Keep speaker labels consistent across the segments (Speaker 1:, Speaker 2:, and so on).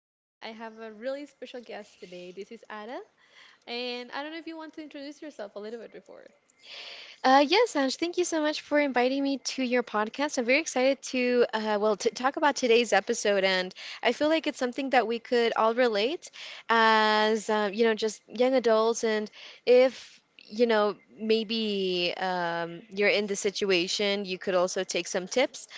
Speaker 1: today. I have a really special guest today. This is Ada, and I don't know if you want to introduce yourself a little bit before.
Speaker 2: Yes, Ange, thank you so much for inviting me to your podcast. I'm very excited to, well, to talk about today's episode, and I feel like it's something that we could all relate as, just young adults, and if you know maybe you're in the situation, you could also take some tips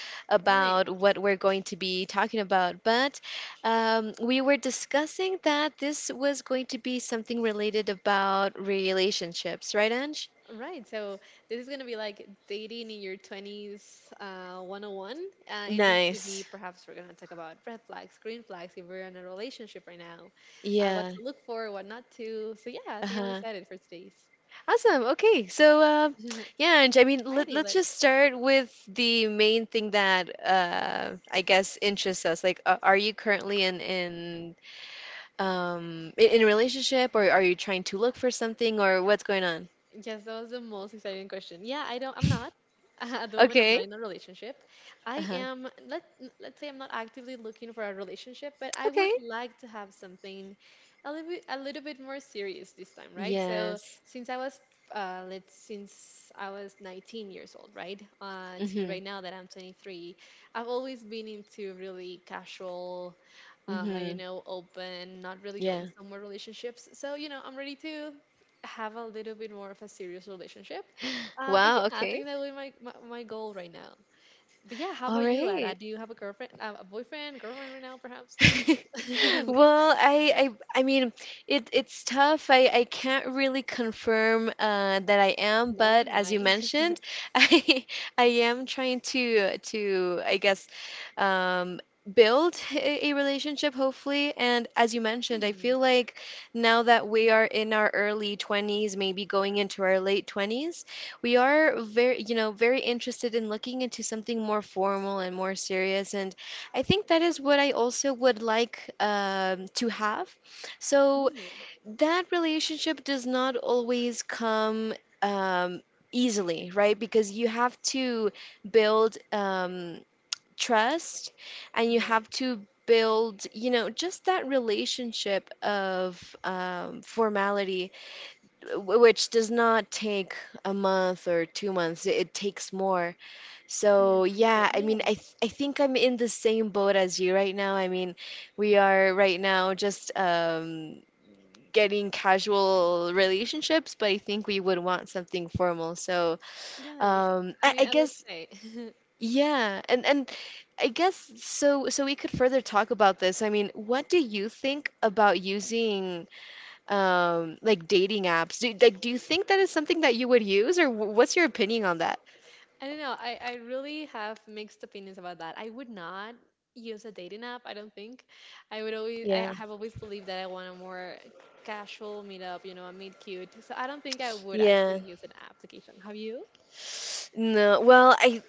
Speaker 1: Right,
Speaker 2: about what we're going to be talking about. But we were discussing that this was going to be something related about relationships, right, Ange?
Speaker 1: right. So this is gonna be like dating in your twenties, 101, and this is gonna be
Speaker 2: Nice.
Speaker 1: perhaps we're gonna talk about red flags, green flags if we're in a relationship right now, what
Speaker 2: Yeah.
Speaker 1: to look for, what not to. So yeah, I think I'm
Speaker 2: Uh-huh.
Speaker 1: excited for today's.
Speaker 2: Awesome. Okay. So, yeah, and I mean, let,
Speaker 1: Alrighty,
Speaker 2: let's just
Speaker 1: let's
Speaker 2: start with the main thing that I guess interests us. Like, are you currently in a relationship, or are you trying to look for something, or what's going on?
Speaker 1: Yes, that was the most exciting question. Yeah, I don't. I'm not. At the moment, I'm not
Speaker 2: Okay.
Speaker 1: in a relationship. I
Speaker 2: Uh-huh.
Speaker 1: am. Let Let's say I'm not actively looking for a relationship, but I would
Speaker 2: Okay.
Speaker 1: like to have something a little bit more serious this time, right? So
Speaker 2: Yes.
Speaker 1: since I was, let's since I was 19 years old, right, to
Speaker 2: Mm-hmm.
Speaker 1: right now that I'm 23. I've always been into really casual, you
Speaker 2: Mm-hmm.
Speaker 1: know, open, not really
Speaker 2: Yeah.
Speaker 1: going somewhere relationships. So you know, I'm ready to have a little bit more of a serious relationship. But
Speaker 2: Wow.
Speaker 1: yeah, I
Speaker 2: Okay.
Speaker 1: think that would be my, my goal right now. But yeah, how
Speaker 2: All
Speaker 1: about you, Ada?
Speaker 2: right.
Speaker 1: Do you have a girlfriend, a boyfriend, girlfriend right now, perhaps?
Speaker 2: Well, I mean, it's tough. I can't really confirm that I am,
Speaker 1: Nor
Speaker 2: but as you
Speaker 1: deny.
Speaker 2: mentioned, I, I am trying to, I guess, um, build a relationship, hopefully. And as you mentioned, I
Speaker 1: Hmm,
Speaker 2: feel like now that we are in our early 20s, maybe going into our late 20s, we are very, very interested in looking into something more formal and more serious. And I think that is what I also would like, to have. So
Speaker 1: right,
Speaker 2: that relationship does not always come, um, easily, right? Because you have to build, trust, and you
Speaker 1: right.
Speaker 2: have to build, just that relationship of, formality, which does not take a month or 2 months. It takes more.
Speaker 1: More
Speaker 2: So
Speaker 1: time to create.
Speaker 2: yeah, I mean,
Speaker 1: Yes,
Speaker 2: I think I'm in the same boat as you right now. I mean, we are right now just, getting casual relationships, but I think we would want something formal. So,
Speaker 1: yes. I
Speaker 2: I,
Speaker 1: mean,
Speaker 2: I
Speaker 1: I would
Speaker 2: guess.
Speaker 1: say.
Speaker 2: Yeah, and I guess, so we could further talk about this. I mean, what do you think about using, like, dating apps? Do Like, do you think that is something that you would use, or what's your opinion on that?
Speaker 1: I don't know. I really have mixed opinions about that. I would not use a dating app, I don't think. I
Speaker 2: Yeah.
Speaker 1: have always believed that I want a more casual meetup, you know, a meet cute. So I don't think I would actually
Speaker 2: Yeah.
Speaker 1: use an application. Have you?
Speaker 2: No, well, I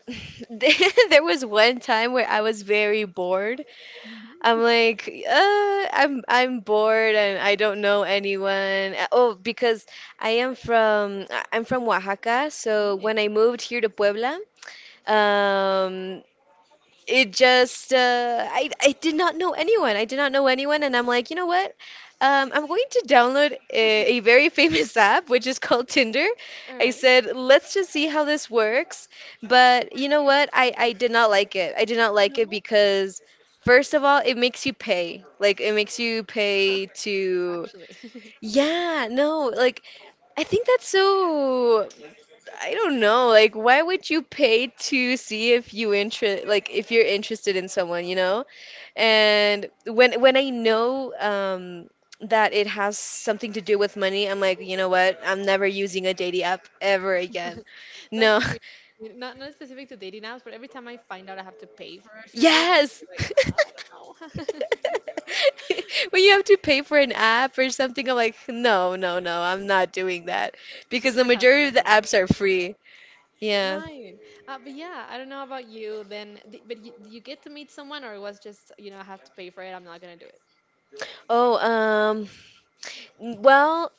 Speaker 2: there was one time where I was very bored. I'm
Speaker 1: Mhm.
Speaker 2: like, I'm bored and I don't know anyone. Oh, because I'm from Oaxaca,
Speaker 1: All
Speaker 2: so when
Speaker 1: right.
Speaker 2: I moved here to Puebla, um, it just, I did not know anyone. I did not know anyone, and I'm like, you know what? I'm going to download a very famous app, which is called Tinder.
Speaker 1: All
Speaker 2: I
Speaker 1: right.
Speaker 2: said, let's just see how this works. But you know what? I did not like it. I did not like it
Speaker 1: No,
Speaker 2: because first of all, it makes you pay. Like, it makes you pay to,
Speaker 1: actually.
Speaker 2: yeah, no, like, I think that's so, I don't know. Like, why would you pay to see if you interest, like, if you're interested in someone, you know? And when I know, that it has something to do with money, I'm like, you know what? I'm never using a dating app ever again.
Speaker 1: That's
Speaker 2: No.
Speaker 1: for me. Not not specific to dating apps, but every time I find out I have to pay for a service,
Speaker 2: Yes.
Speaker 1: like, ah, I don't know.
Speaker 2: When you have to pay for an app or something, I'm like, no, no, no, I'm not doing that, because
Speaker 1: I'm
Speaker 2: the
Speaker 1: brassing
Speaker 2: majority of
Speaker 1: right
Speaker 2: the
Speaker 1: now.
Speaker 2: apps are free. Yeah.
Speaker 1: Right. But yeah, I don't know about you then, but you get to meet someone, or it was just, you know, I have to pay for it. I'm not going to do it.
Speaker 2: Oh, well,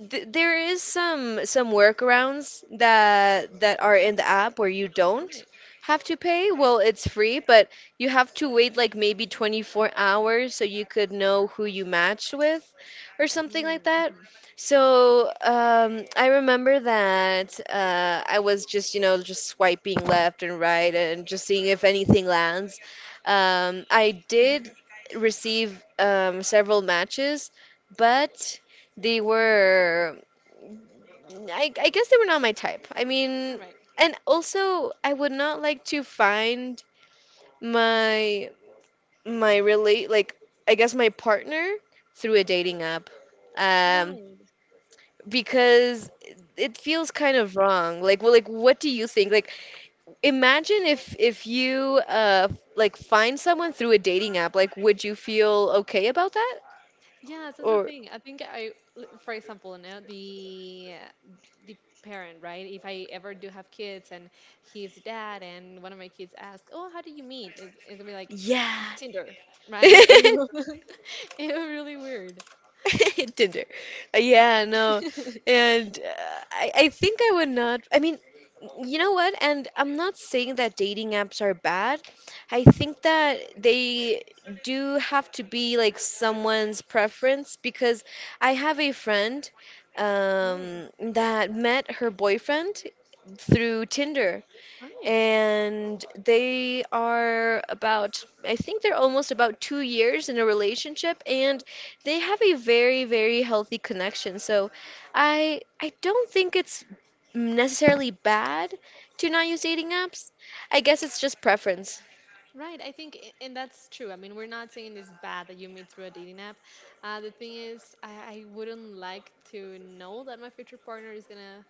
Speaker 2: Th there is some workarounds that are in the app where you
Speaker 1: All
Speaker 2: don't
Speaker 1: right.
Speaker 2: have to pay. Well, it's free, but you have to wait like maybe 24 hours so you could know who you matched with or something like that.
Speaker 1: Mm-hmm.
Speaker 2: So, I remember that, I was just, you know, just swiping left and right and just seeing if anything lands. I did receive, several matches, but they were, I guess they were not my type. I
Speaker 1: All
Speaker 2: mean,
Speaker 1: right.
Speaker 2: and also I would not like to find my my relate like, I guess, my partner through a dating app, um,
Speaker 1: Right.
Speaker 2: because it feels kind of wrong. Like, well, like, what do you think? Like, imagine if you, like, find someone through a dating app. Like, would you feel okay about that?
Speaker 1: Yes, that's the
Speaker 2: Or,
Speaker 1: thing. I think I, l- for example, now the parent, right? If I ever do have kids and he's dad, and one of my kids asks, "Oh, how do you meet?" It's, it'll be like
Speaker 2: yeah.
Speaker 1: Tinder, right? It will, it will be really weird.
Speaker 2: Tinder. Yeah, no. And, I think I would not. I mean, you know what? And I'm not saying that dating apps are bad. I think that they do have to be like someone's preference, because I have a friend,
Speaker 1: All right.
Speaker 2: that met her boyfriend through Tinder,
Speaker 1: All right.
Speaker 2: and they are about I think they're almost about 2 years in a relationship, and they have a very, very healthy connection, so I don't think it's necessarily bad to not use dating apps. I guess it's just preference.
Speaker 1: Right, I think, and that's true. I mean, we're not saying it's bad that you meet through a dating app. The thing is, I wouldn't like to know that my future partner is gonna,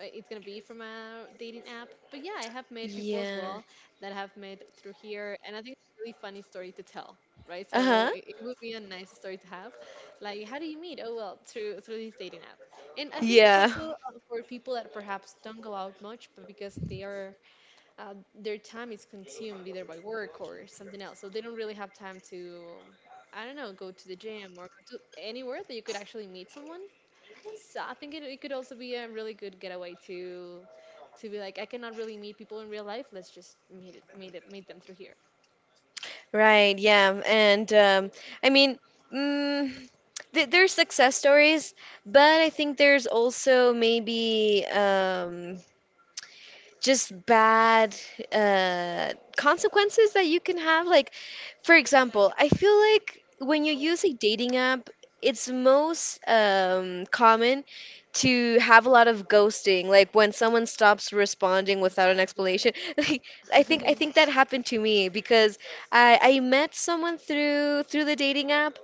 Speaker 1: it's gonna be from a dating app. But yeah, I have met people as
Speaker 2: Yeah.
Speaker 1: well that I have met through here, and I think it's a really funny story to tell, right? So
Speaker 2: Uh-huh.
Speaker 1: it would be a nice story to have. Like, how do you meet? Oh well, through this dating app. And I think it's
Speaker 2: Yeah.
Speaker 1: also for people that perhaps don't go out much, but because they are their time is consumed either by work or something else. So they don't really have time to, I don't know, go to the gym or go to anywhere that you could actually meet someone. So I think it, it could also be a really good getaway to be like, I cannot really meet people in real life. Let's just meet them through here.
Speaker 2: Right. Yeah, and, I mean, mm, there's success stories, but I think there's also maybe, just bad, consequences that you can have. Like, for example, I feel like when you use a dating app, it's most, common to have a lot of ghosting, like when someone stops responding without an
Speaker 1: Right. Yes.
Speaker 2: explanation. Like, I think that happened to me because I met someone through the dating app.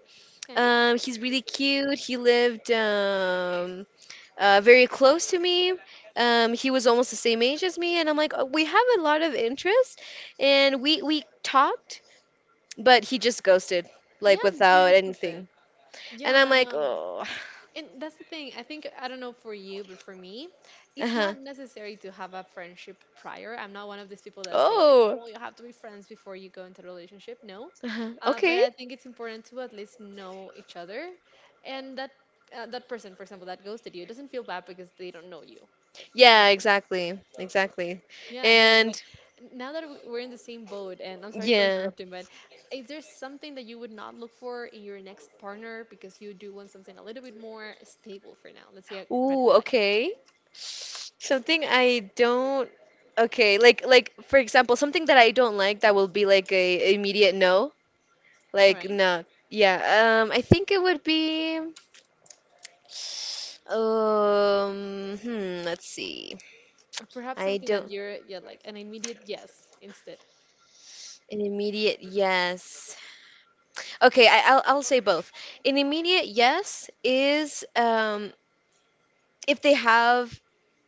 Speaker 1: Okay.
Speaker 2: He's really cute. He lived, very close to me. He was almost the same age as me, and I'm like, "Oh, we have a lot of interest, and we talked, but he just ghosted,
Speaker 1: Yeah,
Speaker 2: like
Speaker 1: you should
Speaker 2: without
Speaker 1: just
Speaker 2: anything."
Speaker 1: it.
Speaker 2: And I'm
Speaker 1: Yeah,
Speaker 2: like,
Speaker 1: no.
Speaker 2: oh.
Speaker 1: And that's the thing. I think I don't know for you, but for me, it's
Speaker 2: Uh-huh.
Speaker 1: not necessary to have a friendship prior. I'm not one of these people that say like,
Speaker 2: Oh.
Speaker 1: "Oh, you have to be friends before you go into a relationship." No,
Speaker 2: Uh-huh.
Speaker 1: but
Speaker 2: Okay.
Speaker 1: I think it's important to at least know each other, and that that person, for example, that ghosted you, it doesn't feel bad because they don't know you,
Speaker 2: Yeah,
Speaker 1: right?
Speaker 2: exactly, exactly.
Speaker 1: Yeah, I know, but
Speaker 2: And
Speaker 1: we're in the same boat, and I'm sorry for
Speaker 2: yeah.
Speaker 1: interrupting, but is there something that you would not look for in your next partner because you do want something a little bit more stable for now? Let's say a red
Speaker 2: Ooh,
Speaker 1: flag.
Speaker 2: okay, something I don't. Okay, like for example, something that I don't like, that will be like a immediate no.
Speaker 1: All
Speaker 2: Like,
Speaker 1: right.
Speaker 2: no, yeah. I think it would be. Let's see.
Speaker 1: Or perhaps
Speaker 2: I
Speaker 1: something that
Speaker 2: don't.
Speaker 1: you're, yeah, like an immediate yes instead.
Speaker 2: An immediate yes. Okay, I'll say both. An immediate yes is, if they have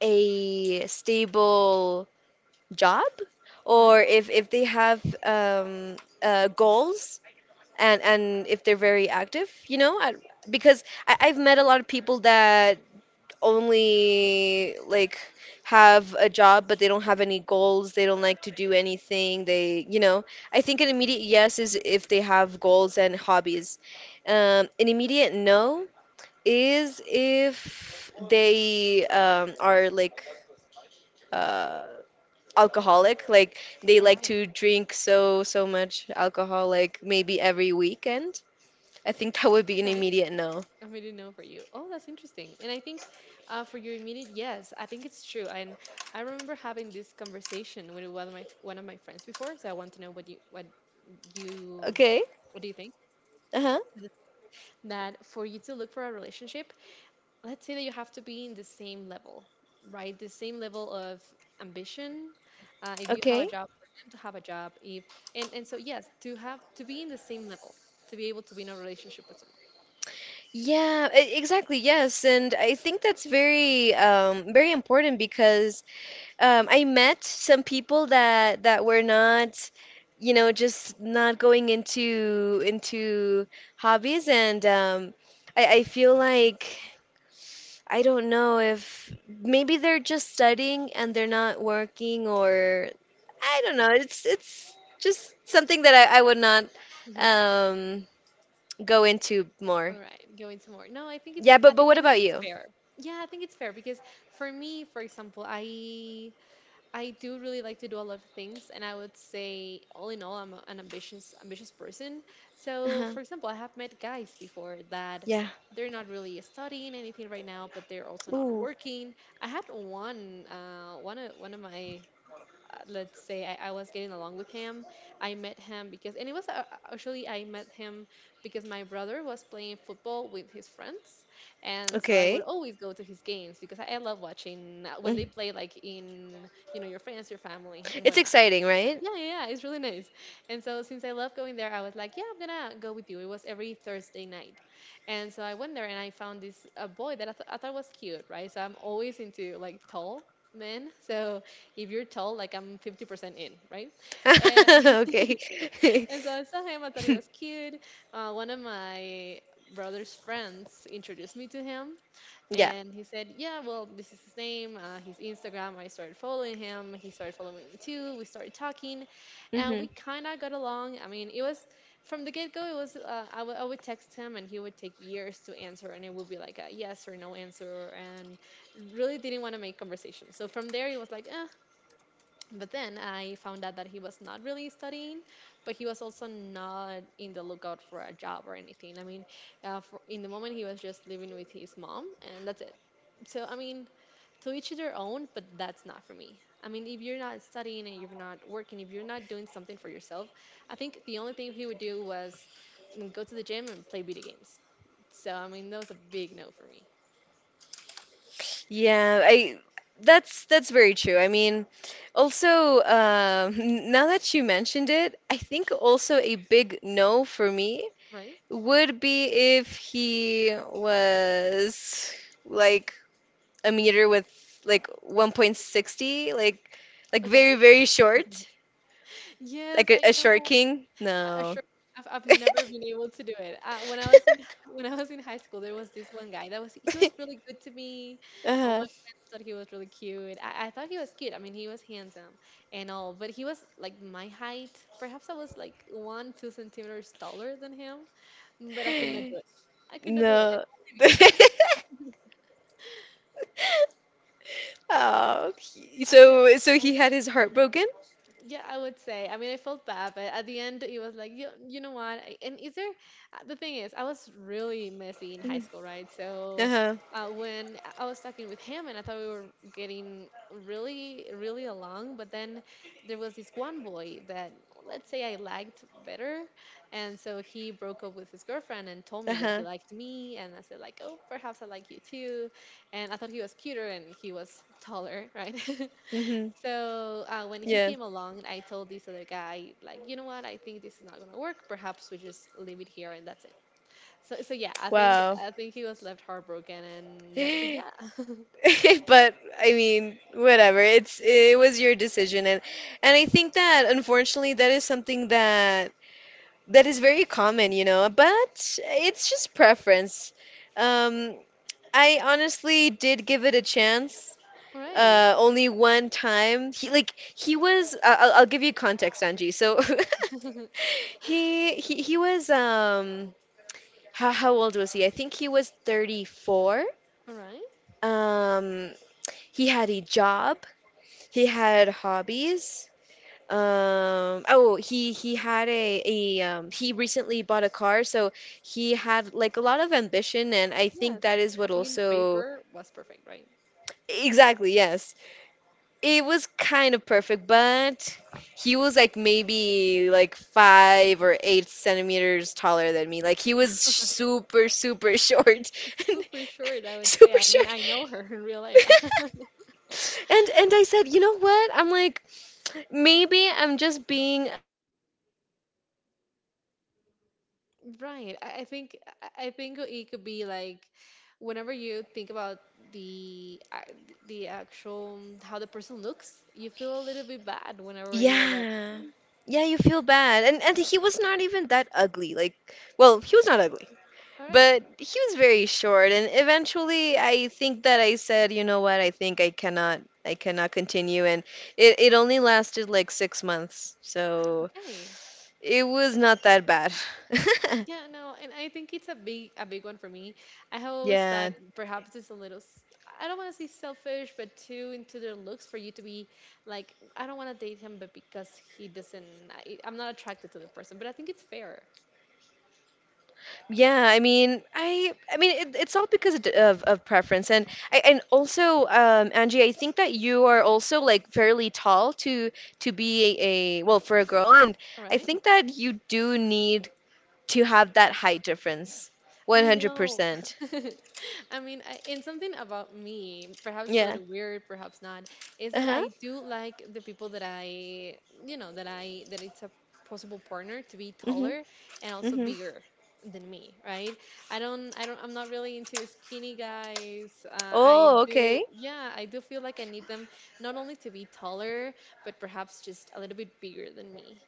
Speaker 2: a stable job,
Speaker 1: All right.
Speaker 2: or if they have, goals, and if they're very active, you know, because I've met a lot of people that only like have a job, but they don't have any goals, they don't like to do anything, they you know I think an immediate yes is if they have goals and hobbies. An immediate no is if they, are like, uh, alcoholic, like they
Speaker 1: All
Speaker 2: like
Speaker 1: right.
Speaker 2: to drink so much alcohol, like maybe every weekend. I think that would be an
Speaker 1: Okay.
Speaker 2: immediate no.
Speaker 1: I made a know for you. Oh, that's interesting. And I think for your immediate yes, I think it's true. And I remember having this conversation with one of my friends before, so I want to know what you what you
Speaker 2: Okay.
Speaker 1: what do you think?
Speaker 2: Uh-huh.
Speaker 1: That for you to look for a relationship, let's say that you have to be in the same level, right? The same level of ambition. If you have a
Speaker 2: Okay.
Speaker 1: job, for them to have a job. If And and so yes, to have to be in the same level, to be able to be in a relationship with
Speaker 2: Yeah, exactly. Yes, and I think that's very, very important, because, I met some people that were not, you know, just not going into hobbies, and, I feel like I don't know, if maybe they're just studying and they're not working, or I don't know. It's just something that I would not,
Speaker 1: someone.
Speaker 2: um go into more.
Speaker 1: All right, going to more. No,
Speaker 2: Yeah, but
Speaker 1: I think
Speaker 2: what
Speaker 1: and I
Speaker 2: about
Speaker 1: think it's
Speaker 2: you?
Speaker 1: fair. Yeah, I think it's fair because for me, for example, I do really like to do a lot of things, and I would say, all in all, I'm an ambitious person. So,
Speaker 2: Uh-huh.
Speaker 1: for example, I have met guys before that
Speaker 2: Yeah.
Speaker 1: they're not really studying anything right now, but they're also not
Speaker 2: Ooh.
Speaker 1: working. I had one, one of my let's say I was getting along with him. I met him because, and it was actually, I met him because my brother was playing football with his friends. And so I would
Speaker 2: Okay.
Speaker 1: always go to his games because I love watching when they
Speaker 2: Mm.
Speaker 1: play, like in, you know, your friends, your family, and
Speaker 2: It's
Speaker 1: whatnot.
Speaker 2: exciting, right?
Speaker 1: Yeah, it's really nice. And so since I love going there, I was like, yeah, I'm gonna go with you. It was every Thursday night. And so I went there and I found this a boy that I thought was cute, right? So I'm always into like tall men. So if you're tall, like I'm 50% in, right? And,
Speaker 2: Okay.
Speaker 1: and so I saw him, I thought he was cute. One of my brother's friends introduced me to him.
Speaker 2: Yeah.
Speaker 1: And he said, yeah, well, this is his name, his Instagram. I started following him. He started following me too. We started talking and
Speaker 2: Hmm.
Speaker 1: we kind of got along. I mean, it was from the get go, it was, I would text him and he would take years to answer and it would be like a yes or no answer and really didn't want to make conversation. So from there, it was like, eh. But then I found out that he was not really studying, but he was also not in the lookout for a job or anything. I mean, in the moment he was just living with his mom and that's it so, I mean, to each their own, but that's not for me. I mean, if you're not studying and you're not working, if you're not doing something for yourself, I think the only thing he would do was go to the gym and play video games. So, I mean, that was a big no for me.
Speaker 2: Yeah, I that's very true. I mean, also, now that you mentioned it, I think also a big no for me
Speaker 1: Right?
Speaker 2: would be if he was like a meter with like 1.60, like
Speaker 1: Okay.
Speaker 2: very very short.
Speaker 1: Yes,
Speaker 2: Like,
Speaker 1: I
Speaker 2: a short
Speaker 1: know.
Speaker 2: king?
Speaker 1: I
Speaker 2: No.
Speaker 1: sure I've never been able to do it. When I was in when I was in high school, there was this one guy that was he was really good to me. All my
Speaker 2: Uh-huh.
Speaker 1: friends thought he was really cute. I thought he was cute. I mean, he was handsome and all, but he was like my height. Perhaps I was like 1 or 2 centimeters taller than him, but I could not do it. I could not do it, and
Speaker 2: No.
Speaker 1: only because of that.
Speaker 2: Oh,
Speaker 1: I
Speaker 2: so
Speaker 1: know.
Speaker 2: he had his heart broken?
Speaker 1: Yeah, I would say. I mean, I felt bad, but at the end, it was like, you know what? I- And is there, the thing is, I was really messy in high
Speaker 2: Mhm.
Speaker 1: school, right? So
Speaker 2: Uh-huh.
Speaker 1: when I was talking with him and I thought we were getting really along, but then there was this one boy that, let's say, I liked better. And so he broke up with his girlfriend and told me that
Speaker 2: Uh-huh.
Speaker 1: he liked me. And I said, like, oh, perhaps I like you too. And I thought he was cuter and he was taller, right?
Speaker 2: Mm-hmm.
Speaker 1: So when he
Speaker 2: Yeah.
Speaker 1: came along, I told this other guy, like, you know what? I think this is not gonna work. Perhaps we just leave it here and that's it. So yeah, I think
Speaker 2: Wow.
Speaker 1: he was left heartbroken. And but yeah,
Speaker 2: But I mean, whatever. It was your decision, and I think that, unfortunately, that is something that is very common, you know, but it's just preference. Um, I honestly did give it a chance.
Speaker 1: all right,
Speaker 2: Only one time. He like he was. I'll give you context, Angie. So he was. How old was he? I think he was 34.
Speaker 1: all right,
Speaker 2: Um, he had a job. He had hobbies. Oh, he had a he recently bought a car, so he had like a lot of ambition, and I think
Speaker 1: yes.
Speaker 2: that is
Speaker 1: I
Speaker 2: what
Speaker 1: think in
Speaker 2: also,
Speaker 1: paper was perfect, right?
Speaker 2: exactly, yes. It was kind of perfect, but he was like maybe like 5 or 8 centimeters taller than me. Like, he was super, super short.
Speaker 1: It's super short, I would say.
Speaker 2: Super
Speaker 1: I mean,
Speaker 2: short.
Speaker 1: I know her in real life.
Speaker 2: And I said, you know what? I'm like, maybe I'm just being, prejudiced. Well, like, it's
Speaker 1: Right.
Speaker 2: my
Speaker 1: I
Speaker 2: prejudice.
Speaker 1: think
Speaker 2: Like,
Speaker 1: I think it could be like whenever you think about the actual how the person looks. You feel a little bit bad whenever you're like,
Speaker 2: yeah,
Speaker 1: "Oh,
Speaker 2: yeah, you feel bad. And he was not even that ugly. Like, well, he was not ugly.
Speaker 1: all right,
Speaker 2: But he was very short, and eventually I think that I said, you know what, I think I cannot continue, and it only lasted like 6 months, so
Speaker 1: okay."
Speaker 2: it was not that bad.
Speaker 1: Yeah, no, and I think it's a big one for me. I have always thought
Speaker 2: Yeah.
Speaker 1: perhaps it's I don't want to say selfish, but too into their looks for you to be like, I don't want to date him, but because he doesn't, I'm not attracted to the person. But I think it's fair,
Speaker 2: Yeah, I mean, it's all because of preference, and I and also, Angie, I think that you are also like fairly tall, to be a, well, for a girl, and I
Speaker 1: right?
Speaker 2: think that you do need to have that height difference.
Speaker 1: I know.
Speaker 2: 100%.
Speaker 1: I mean, and something about me, perhaps a
Speaker 2: Yeah.
Speaker 1: little weird, perhaps not, is that
Speaker 2: Uh-huh.
Speaker 1: I do like the people that I, you know, that I, that it's a possible partner to be
Speaker 2: Mhm.
Speaker 1: taller and also
Speaker 2: Mhm.
Speaker 1: bigger than me, right? I'm not really into skinny guys. I
Speaker 2: Oh,
Speaker 1: do,
Speaker 2: okay.
Speaker 1: yeah, I do feel like I need them not only to be taller, but perhaps just a little bit bigger than me.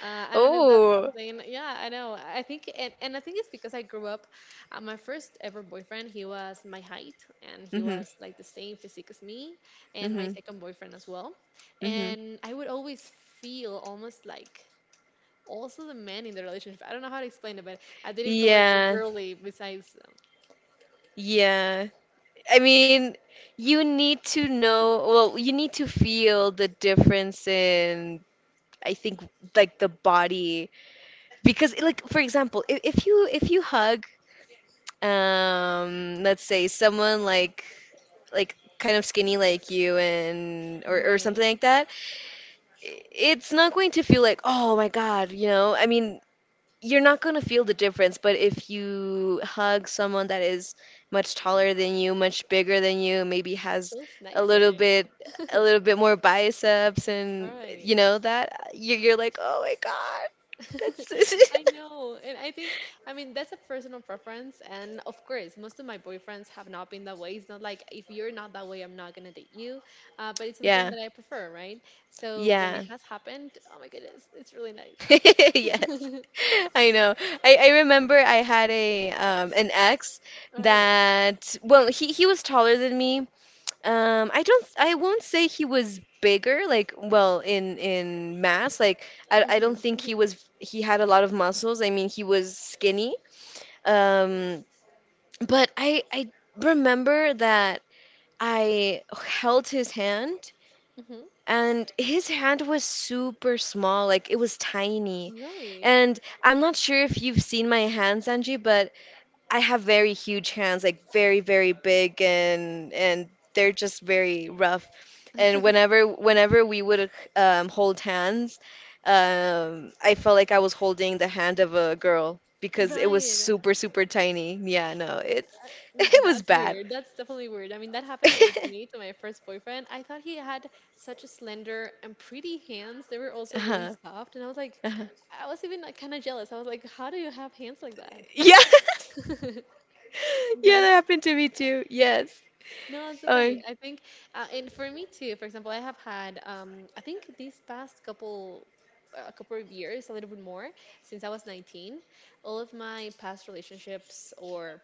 Speaker 1: I don't know if that's
Speaker 2: Oh.
Speaker 1: something. Yeah, I know. I think, and I think it's because I grew up my first ever boyfriend, he was my height and he
Speaker 2: Mhm.
Speaker 1: was like the same physique as me, and my
Speaker 2: Mhm.
Speaker 1: second boyfriend as well.
Speaker 2: Mhm.
Speaker 1: And I would always feel almost like also the man in the relationship. I don't know how to explain it, but I didn't feel like a
Speaker 2: Yeah.
Speaker 1: girly besides.
Speaker 2: Yeah. I mean, you need to know, well, you need to feel the difference in, I think, like the body. Because like for example, if you hug let's say someone like kind of skinny like you, and or something
Speaker 1: Right.
Speaker 2: like that, it's not going to feel like, oh my God, I mean, you're not going to feel the difference. But if you hug someone that is much taller than you, much bigger than you, maybe
Speaker 1: It
Speaker 2: has
Speaker 1: feels
Speaker 2: a
Speaker 1: nicer,
Speaker 2: little
Speaker 1: you know?
Speaker 2: bit a little bit more biceps,
Speaker 1: All
Speaker 2: and
Speaker 1: right.
Speaker 2: you know that you're like, "Oh my God. That's
Speaker 1: I know. And I think, I mean, that's a personal preference. And of course, most of my boyfriends have not been that way. It's not like if you're not that way, I'm not going to date you. But it's something
Speaker 2: Yeah.
Speaker 1: that I prefer, right? So when it
Speaker 2: Yeah.
Speaker 1: has happened, oh my goodness, it's really nice.
Speaker 2: Yes. I know. I remember I had a an ex
Speaker 1: All right.
Speaker 2: that, well, he was taller than me. I won't say he was bigger, like, well, in mass, like, I don't think
Speaker 1: Mm-hmm.
Speaker 2: he was. He had a lot of muscles. I mean, he was skinny. Um, but I remember that I held his hand, and his hand was super small, like it was tiny.
Speaker 1: Really?
Speaker 2: And I'm not sure if you've seen my hand, Sanji, but I have very huge hands, like very, very big, and they're just very rough. And whenever we would, hold hands, I felt like I was holding the hand of a girl because it was
Speaker 1: Right.
Speaker 2: super, super tiny. Yeah, no, it's
Speaker 1: Uh,
Speaker 2: it was
Speaker 1: that's
Speaker 2: bad.
Speaker 1: weird. That's definitely weird. I mean, that happened with me to my first boyfriend. I thought he had such a slender and pretty hands. They were also really
Speaker 2: Uh-huh.
Speaker 1: soft, and I was like,
Speaker 2: Uh-huh.
Speaker 1: I was even like, kind of jealous. I was like, how do you have hands like that?
Speaker 2: Yeah. Yeah,
Speaker 1: Right?
Speaker 2: that happened to me too. Yes.
Speaker 1: No, it's so
Speaker 2: Oh,
Speaker 1: funny. I think, and for me too. For example, I have had, I think these past couple. A couple of years, a little bit more, since I was 19, all of my past relationships or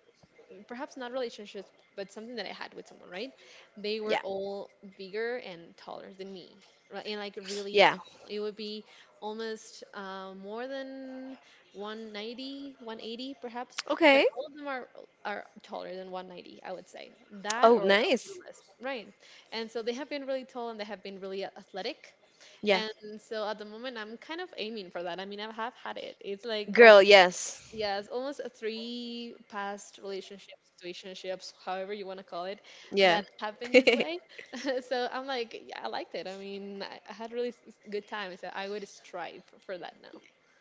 Speaker 1: perhaps not relationships, but something that I had with someone, right? They were
Speaker 2: yeah.
Speaker 1: all bigger and taller than me, right? And like really
Speaker 2: Yeah.
Speaker 1: tall. It would be almost more than 190, 180 perhaps, but
Speaker 2: Okay.
Speaker 1: all of them are taller than 190, I would say. That
Speaker 2: Oh,
Speaker 1: or a
Speaker 2: nice.
Speaker 1: little less, right? And so they have been really tall and they have been really athletic.
Speaker 2: Yeah.
Speaker 1: And so at the moment, I'm kind of aiming for that. I mean, I have had it. It's like
Speaker 2: Girl,
Speaker 1: almost.
Speaker 2: yes.
Speaker 1: Yes, almost a three past relationships, situationships, however you want to call it, that
Speaker 2: Yeah.
Speaker 1: happened this way. So I'm like, yeah, I liked it. I mean, I had really good time. So I would strive for that.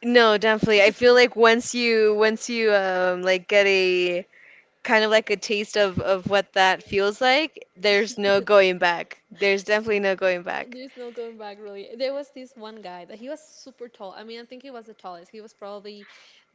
Speaker 2: No, definitely. I feel like once you like get a kind of like a taste of what that feels like, there's no going back. There's definitely no going back.
Speaker 1: There's no going back, really. There was this one guy that he was super tall. I mean, I think he was the tallest. He was probably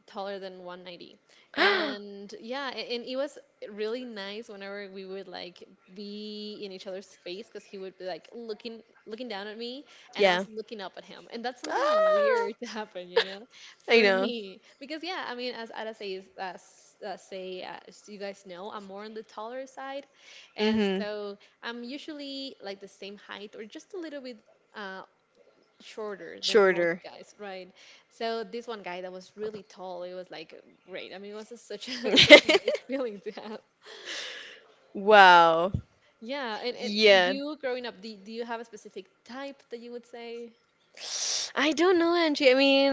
Speaker 1: taller than 190. And yeah, and it was really nice whenever we would like be in each other's face because he would be like looking down at me and I
Speaker 2: Yeah.
Speaker 1: was looking up at him. And that's something
Speaker 2: Ah,
Speaker 1: weird to happen, you know,
Speaker 2: I
Speaker 1: for
Speaker 2: know.
Speaker 1: me. Because yeah, I mean, as Ada says, uh, say, as you guys know, I'm more on the taller side. And
Speaker 2: Mm-hmm.
Speaker 1: so I'm usually like the same height or just a little bit uh, shorter than most
Speaker 2: Shorter.
Speaker 1: guys, right? So this one guy that was really tall, it was like great. I mean, it was such a such a nice feeling to have.
Speaker 2: Wow.
Speaker 1: Yeah, and
Speaker 2: Yeah.
Speaker 1: you growing up, do you have a specific type that you would say?
Speaker 2: I don't know, Angie. I mean,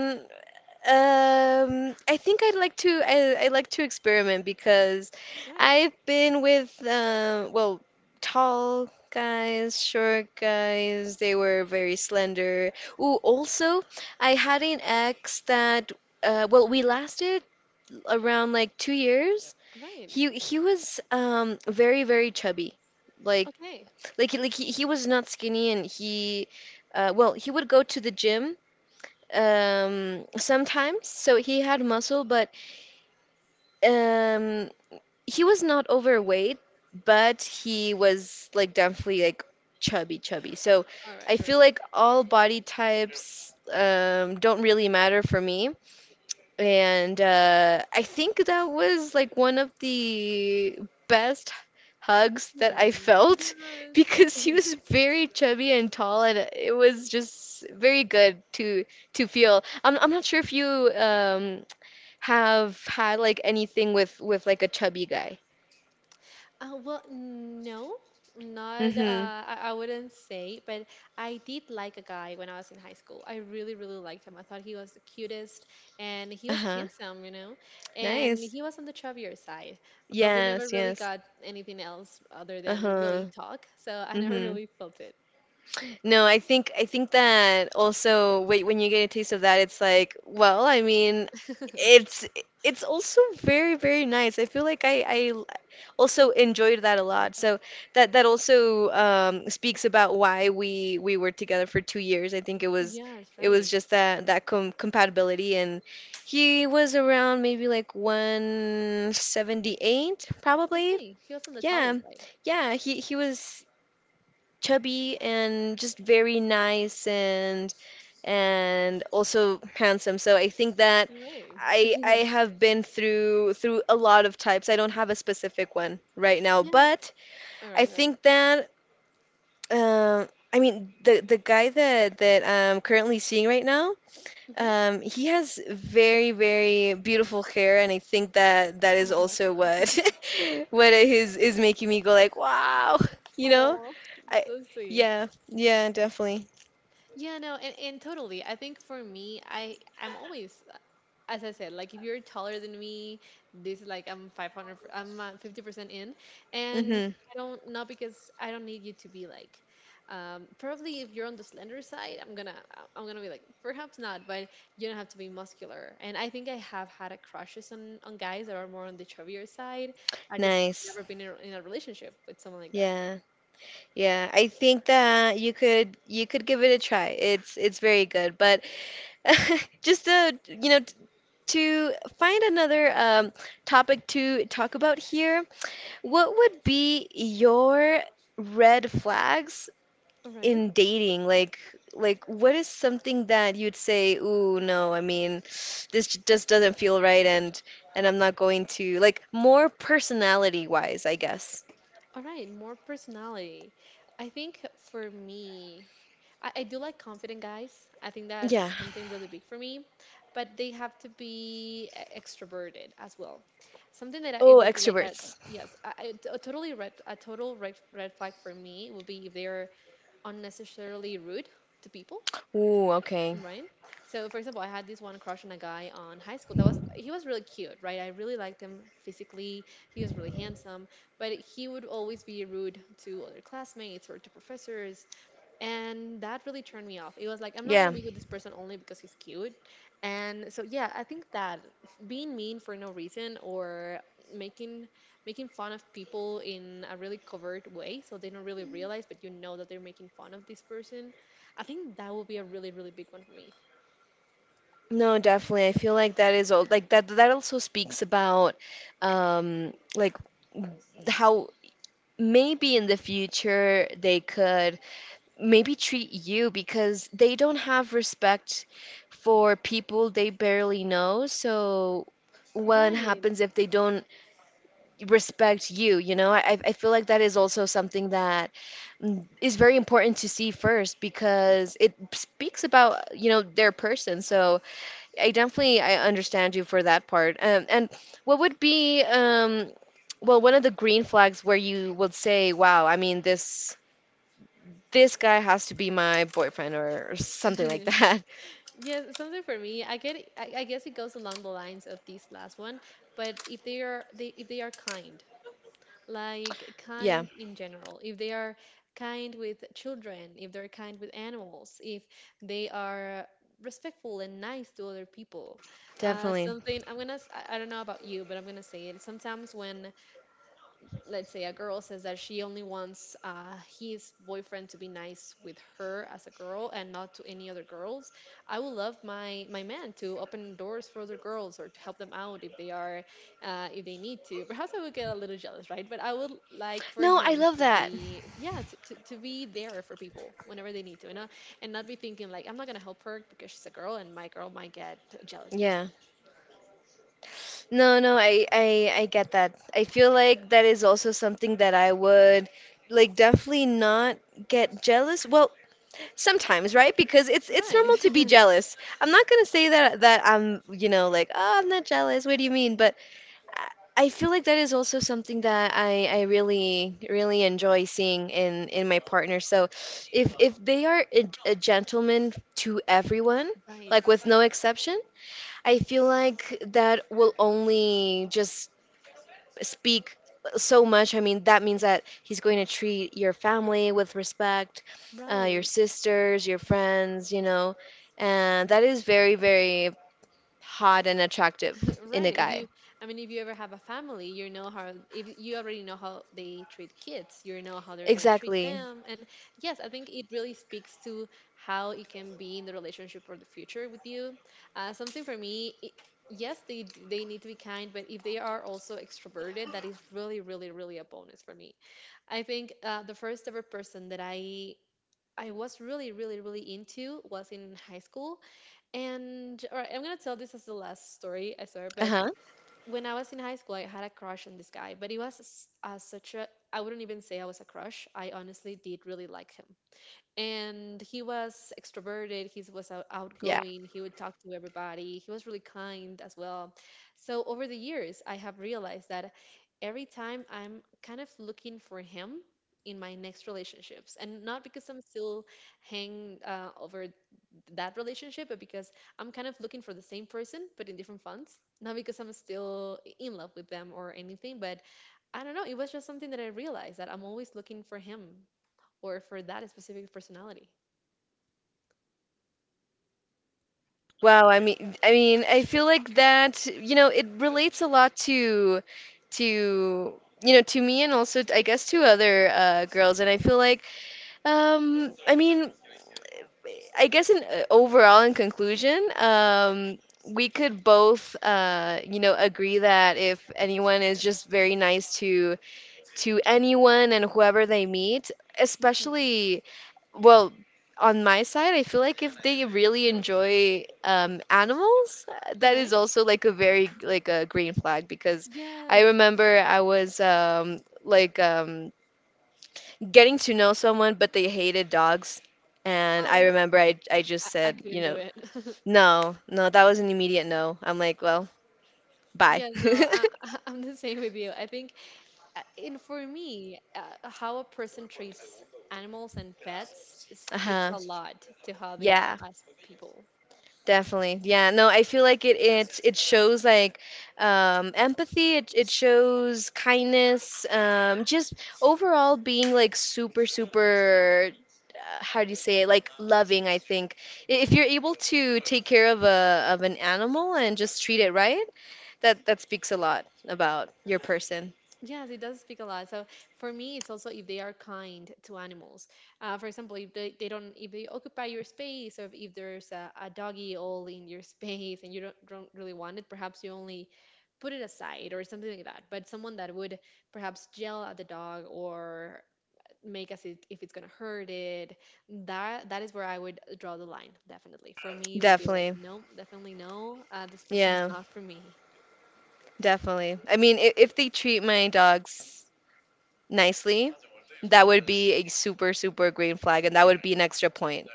Speaker 2: I think I like to experiment because
Speaker 1: Right,
Speaker 2: I've been with, well, tall guys, short guys. They were very slender. Ooh, also, I had an ex that, well, we lasted around like 2 years.
Speaker 1: right,
Speaker 2: He was very, very chubby, like
Speaker 1: okay,
Speaker 2: like he was not skinny, and he, well, he would go to the gym sometimes. So he had muscle, but, um, he was not overweight, but he was, like, definitely, like, chubby, chubby. So
Speaker 1: all
Speaker 2: I
Speaker 1: right,
Speaker 2: feel
Speaker 1: right.
Speaker 2: like all body types, don't really matter for me. And, I think that was like one of the best hugs that I
Speaker 1: Hmm,
Speaker 2: felt
Speaker 1: yes.
Speaker 2: because he was very chubby and tall, and it was just very good to feel. I'm not sure if you um have had like anything with like a chubby guy.
Speaker 1: Well, no, not.
Speaker 2: Mm-hmm.
Speaker 1: I wouldn't say, but I did like a guy when I was in high school. I really, really liked him. I thought he was the cutest, and he was
Speaker 2: Uh-huh.
Speaker 1: handsome, you know, and
Speaker 2: Nice.
Speaker 1: he was on the chubbier side. But we never
Speaker 2: Yes,
Speaker 1: really
Speaker 2: yes.
Speaker 1: got anything else other than really
Speaker 2: Uh-huh.
Speaker 1: talk, so I never
Speaker 2: Mm-hmm.
Speaker 1: really felt it.
Speaker 2: No, I think that also, when you get a taste of that, it's like, well, I mean, it's it's also very, very nice. I feel like also enjoyed that a lot. So that also, speaks about why we were together for 2 years. I think it was
Speaker 1: Yes,
Speaker 2: it was
Speaker 1: right.
Speaker 2: just that compatibility, and he was around maybe like 178 probably.
Speaker 1: Okay, he was on the taller
Speaker 2: Yeah,
Speaker 1: side.
Speaker 2: yeah, he was chubby and just very nice, and also handsome. So I think that
Speaker 1: Right.
Speaker 2: I have been through a lot of types. I don't have a specific one right now,
Speaker 1: Yes.
Speaker 2: but
Speaker 1: All
Speaker 2: I
Speaker 1: right, all right.
Speaker 2: think that, um I mean, the guy that I'm currently seeing right now,
Speaker 1: Mm-hmm.
Speaker 2: he has very, very beautiful hair, and I think that that is
Speaker 1: Oh,
Speaker 2: also what what is making me go like, wow, you know?
Speaker 1: oh,
Speaker 2: I
Speaker 1: so sweet.
Speaker 2: Yeah, yeah, definitely.
Speaker 1: Yeah, no, and totally. I think for me, I'm always, as I said, like if you're taller than me, this is like I'm 500, hundred, I'm 50% in, and
Speaker 2: Hmm.
Speaker 1: I don't not because I don't need you to be like, probably if you're on the slender side, I'm gonna be like perhaps not, but you don't have to be muscular. And I think I have had a crushes on guys that are more on the chubbier side. I just have
Speaker 2: Nice.
Speaker 1: never been in in a relationship with someone like that.
Speaker 2: Yeah. Yeah. I think that you could give it a try. It's very good, but just to, to find another topic to talk about here. What would be your red flags
Speaker 1: All right.
Speaker 2: in dating, like, what is something that you'd say, "Ooh, no, I mean, this, just doesn't feel right, and I'm not going to, like, more personality wise, I guess."
Speaker 1: All right, more personality. I think for me, I do like confident guys. I think
Speaker 2: Yeah.
Speaker 1: that's something really big for me, but they have to be extroverted as well. Something that I, it
Speaker 2: Oh,
Speaker 1: would be like a
Speaker 2: extroverts.
Speaker 1: yes, a t- a totally red a total red red flag for me would be if they're unnecessarily rude to people.
Speaker 2: Ooh, okay.
Speaker 1: Right. So, for example, I had this one crush on a guy on high school. That was he was really cute, right? I really liked him physically. He was really handsome, but he would always be rude to other classmates or to professors, and that really turned me off. It was like I'm not gonna
Speaker 2: Yeah.
Speaker 1: be with this person only because he's cute. And so, yeah, I think that being mean for no reason or making making fun of people in a really covert way, so they don't really realize, but you know that they're making fun of this person. I think that will be a really, really big one for me.
Speaker 2: No, definitely. I feel like that is all like that, that also speaks about, like, how maybe in the future they could maybe treat you, because they don't have respect for people they barely know. So what
Speaker 1: Right.
Speaker 2: happens if they don't respect you? You know, I feel like that is also something that, is very important to see first because it speaks about, their person. So I definitely I understand you for that part. And what would be, well, one of the green flags where you would say, wow, I mean, this guy has to be my boyfriend, or something like that.
Speaker 1: yeah, something for me. I get. I guess it goes along the lines of this last one. But if they are, they if they are kind, like
Speaker 2: Yeah,
Speaker 1: kind in general, if they are kind with children, if they're kind with animals, if they are respectful and nice to other people,
Speaker 2: definitely.
Speaker 1: something. I'm gonna. S- I don't know about you, but I'm gonna say it. Sometimes when let's say a girl says that she only wants his boyfriend to be nice with her as a girl and not to any other girls, I would love my man to open doors for other girls or to help them out if they are if they need to. Perhaps I would get a little jealous, right, but I would like for
Speaker 2: No, I
Speaker 1: him
Speaker 2: love
Speaker 1: to
Speaker 2: that.
Speaker 1: be yeah, to be there for people whenever they need to, you know, and not be thinking like I'm not going to help her because she's a girl and my girl might get jealous because of
Speaker 2: Yeah.
Speaker 1: that,
Speaker 2: No, no, I get that. I feel like that is also something that I would, like, definitely not get jealous. Well, sometimes, right? Because it's
Speaker 1: right
Speaker 2: normal to be jealous. I'm not gonna say that I'm, you know, like, oh, I'm not jealous. What do you mean? But I feel like that is also something that I really, really enjoy seeing in my partner. So if they are a gentleman to everyone,
Speaker 1: right
Speaker 2: like with no exception, I feel like that will only just speak so much. I mean, that means that he's going to treat your family with respect, your
Speaker 1: right.
Speaker 2: sisters, your friends, and that is very, very hot and attractive in a
Speaker 1: Right. If
Speaker 2: guy.
Speaker 1: you, I mean, if you ever have a family, you know how, if you already know how they treat kids, you know how they're going to treat
Speaker 2: Exactly.
Speaker 1: them. And yes, I think it really speaks to how it can be in the relationship for the future with you. Something for me, I yes, they need to be kind, but if they are also extroverted, that is really, really, really a bonus for me. I think the first ever person that I was really, really, really into was in high school. And all right, I'm gonna tell this as the last story I swear, but
Speaker 2: Uh-huh.
Speaker 1: when I was in high school, I had a crush on this guy, but it was such a I wouldn't even say I was a crush. I honestly did really like him and he was extroverted, he was
Speaker 2: Yeah.
Speaker 1: outgoing, he would talk to everybody, he was really kind as well. So over the years I have realized that every time I'm kind of looking for him in my next relationships, and not because I'm still hanging over that relationship, but because I'm kind of looking for the same person but in different fonts, not because I'm still in love with them or anything, but I don't know, it was just something that I realized that I'm always looking for him or for that specific personality.
Speaker 2: Wow, I mean, I feel like that, you know, it relates a lot to, you know, to me, and also I guess to other, girls. And I feel like, I mean, I guess in, overall in conclusion, we could both, you know, agree that if anyone is just very nice to anyone and whoever they meet,
Speaker 1: Mhm.
Speaker 2: especially, well, on my side, I feel like if they really enjoy, animals,
Speaker 1: All
Speaker 2: that
Speaker 1: right.
Speaker 2: is also like a very, like a green flag. Because I
Speaker 1: Yes.
Speaker 2: remember I was, like, getting to know someone, but they hated dogs, and I
Speaker 1: Oh,
Speaker 2: remember I just
Speaker 1: I
Speaker 2: said, you
Speaker 1: couldn't do
Speaker 2: know,
Speaker 1: it.
Speaker 2: no, no, that was an immediate no. I'm like, well, bye.
Speaker 1: Yes, no, I, I- I'm the same with you. I think, and for me, how a person treats animals and pets speaks
Speaker 2: Uh-huh.
Speaker 1: a lot to how they are
Speaker 2: Yeah.
Speaker 1: as people.
Speaker 2: Definitely. Yeah. No, I feel like it shows, like, empathy, it shows kindness, just overall being, like, super, super, how do you say it? Like, loving, I think. If you're able to take care of a of an animal and just treat it right, that speaks a lot about your person.
Speaker 1: Yes, it does speak a lot. So for me, it's also if they are kind to animals. For example, if they don't, if they occupy your space, or if there's a doggy all in your space and you don't really want it, perhaps you only put it aside or something like that. But someone that would perhaps yell at the dog or make us it, if it's gonna hurt it, that that is where I would draw the line. Definitely, for me, it would be like,
Speaker 2: Definitely.
Speaker 1: no, definitely no. This person is
Speaker 2: Yeah,
Speaker 1: not for me.
Speaker 2: definitely. I mean, if they treat my dogs nicely, that would be a super, super green flag, and that would be an extra point,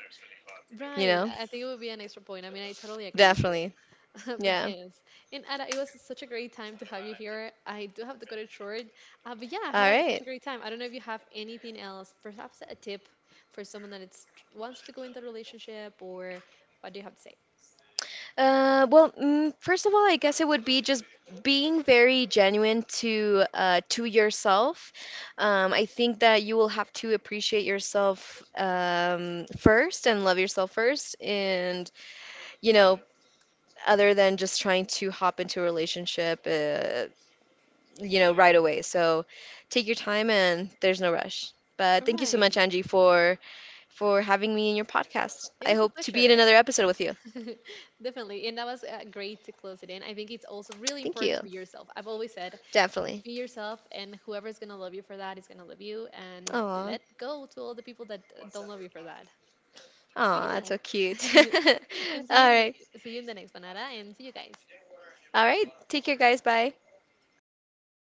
Speaker 2: you
Speaker 1: Right.
Speaker 2: know?
Speaker 1: I think it would be an extra point. I mean, I totally agree with you.
Speaker 2: Definitely.
Speaker 1: but
Speaker 2: Yeah.
Speaker 1: yes, and Ada, it was such a great time to have you here. I do have to cut it short, but yeah, I
Speaker 2: All
Speaker 1: had such
Speaker 2: right.
Speaker 1: a great time. I don't know if you have anything else, perhaps a tip for someone that it's, wants to go into a relationship, or what do you have to say?
Speaker 2: Well, first of all, I guess it would be just being very genuine, to yourself. I think that you will have to appreciate yourself, first, and love yourself first, and you know, other than just trying to hop into a relationship, you know, right away. So take your time, and there's no rush. But
Speaker 1: All
Speaker 2: thank you so
Speaker 1: right,
Speaker 2: much, Angie, for having me in your podcast.
Speaker 1: it
Speaker 2: I
Speaker 1: was a
Speaker 2: hope to be in
Speaker 1: pleasure,
Speaker 2: another episode with you.
Speaker 1: definitely, and that was great to close it in. I think it's also really
Speaker 2: Thank
Speaker 1: important to
Speaker 2: you.
Speaker 1: be yourself. I've always said,
Speaker 2: Definitely.
Speaker 1: be yourself, and whoever's gonna love you for that is gonna love you, and
Speaker 2: Aw.
Speaker 1: let go to all the people that don't love you for that. But
Speaker 2: Aw, that's so cute.
Speaker 1: yeah. and
Speaker 2: All right.
Speaker 1: see you in the next one, Ara, and see you guys.
Speaker 2: All right. Take care, guys. Bye.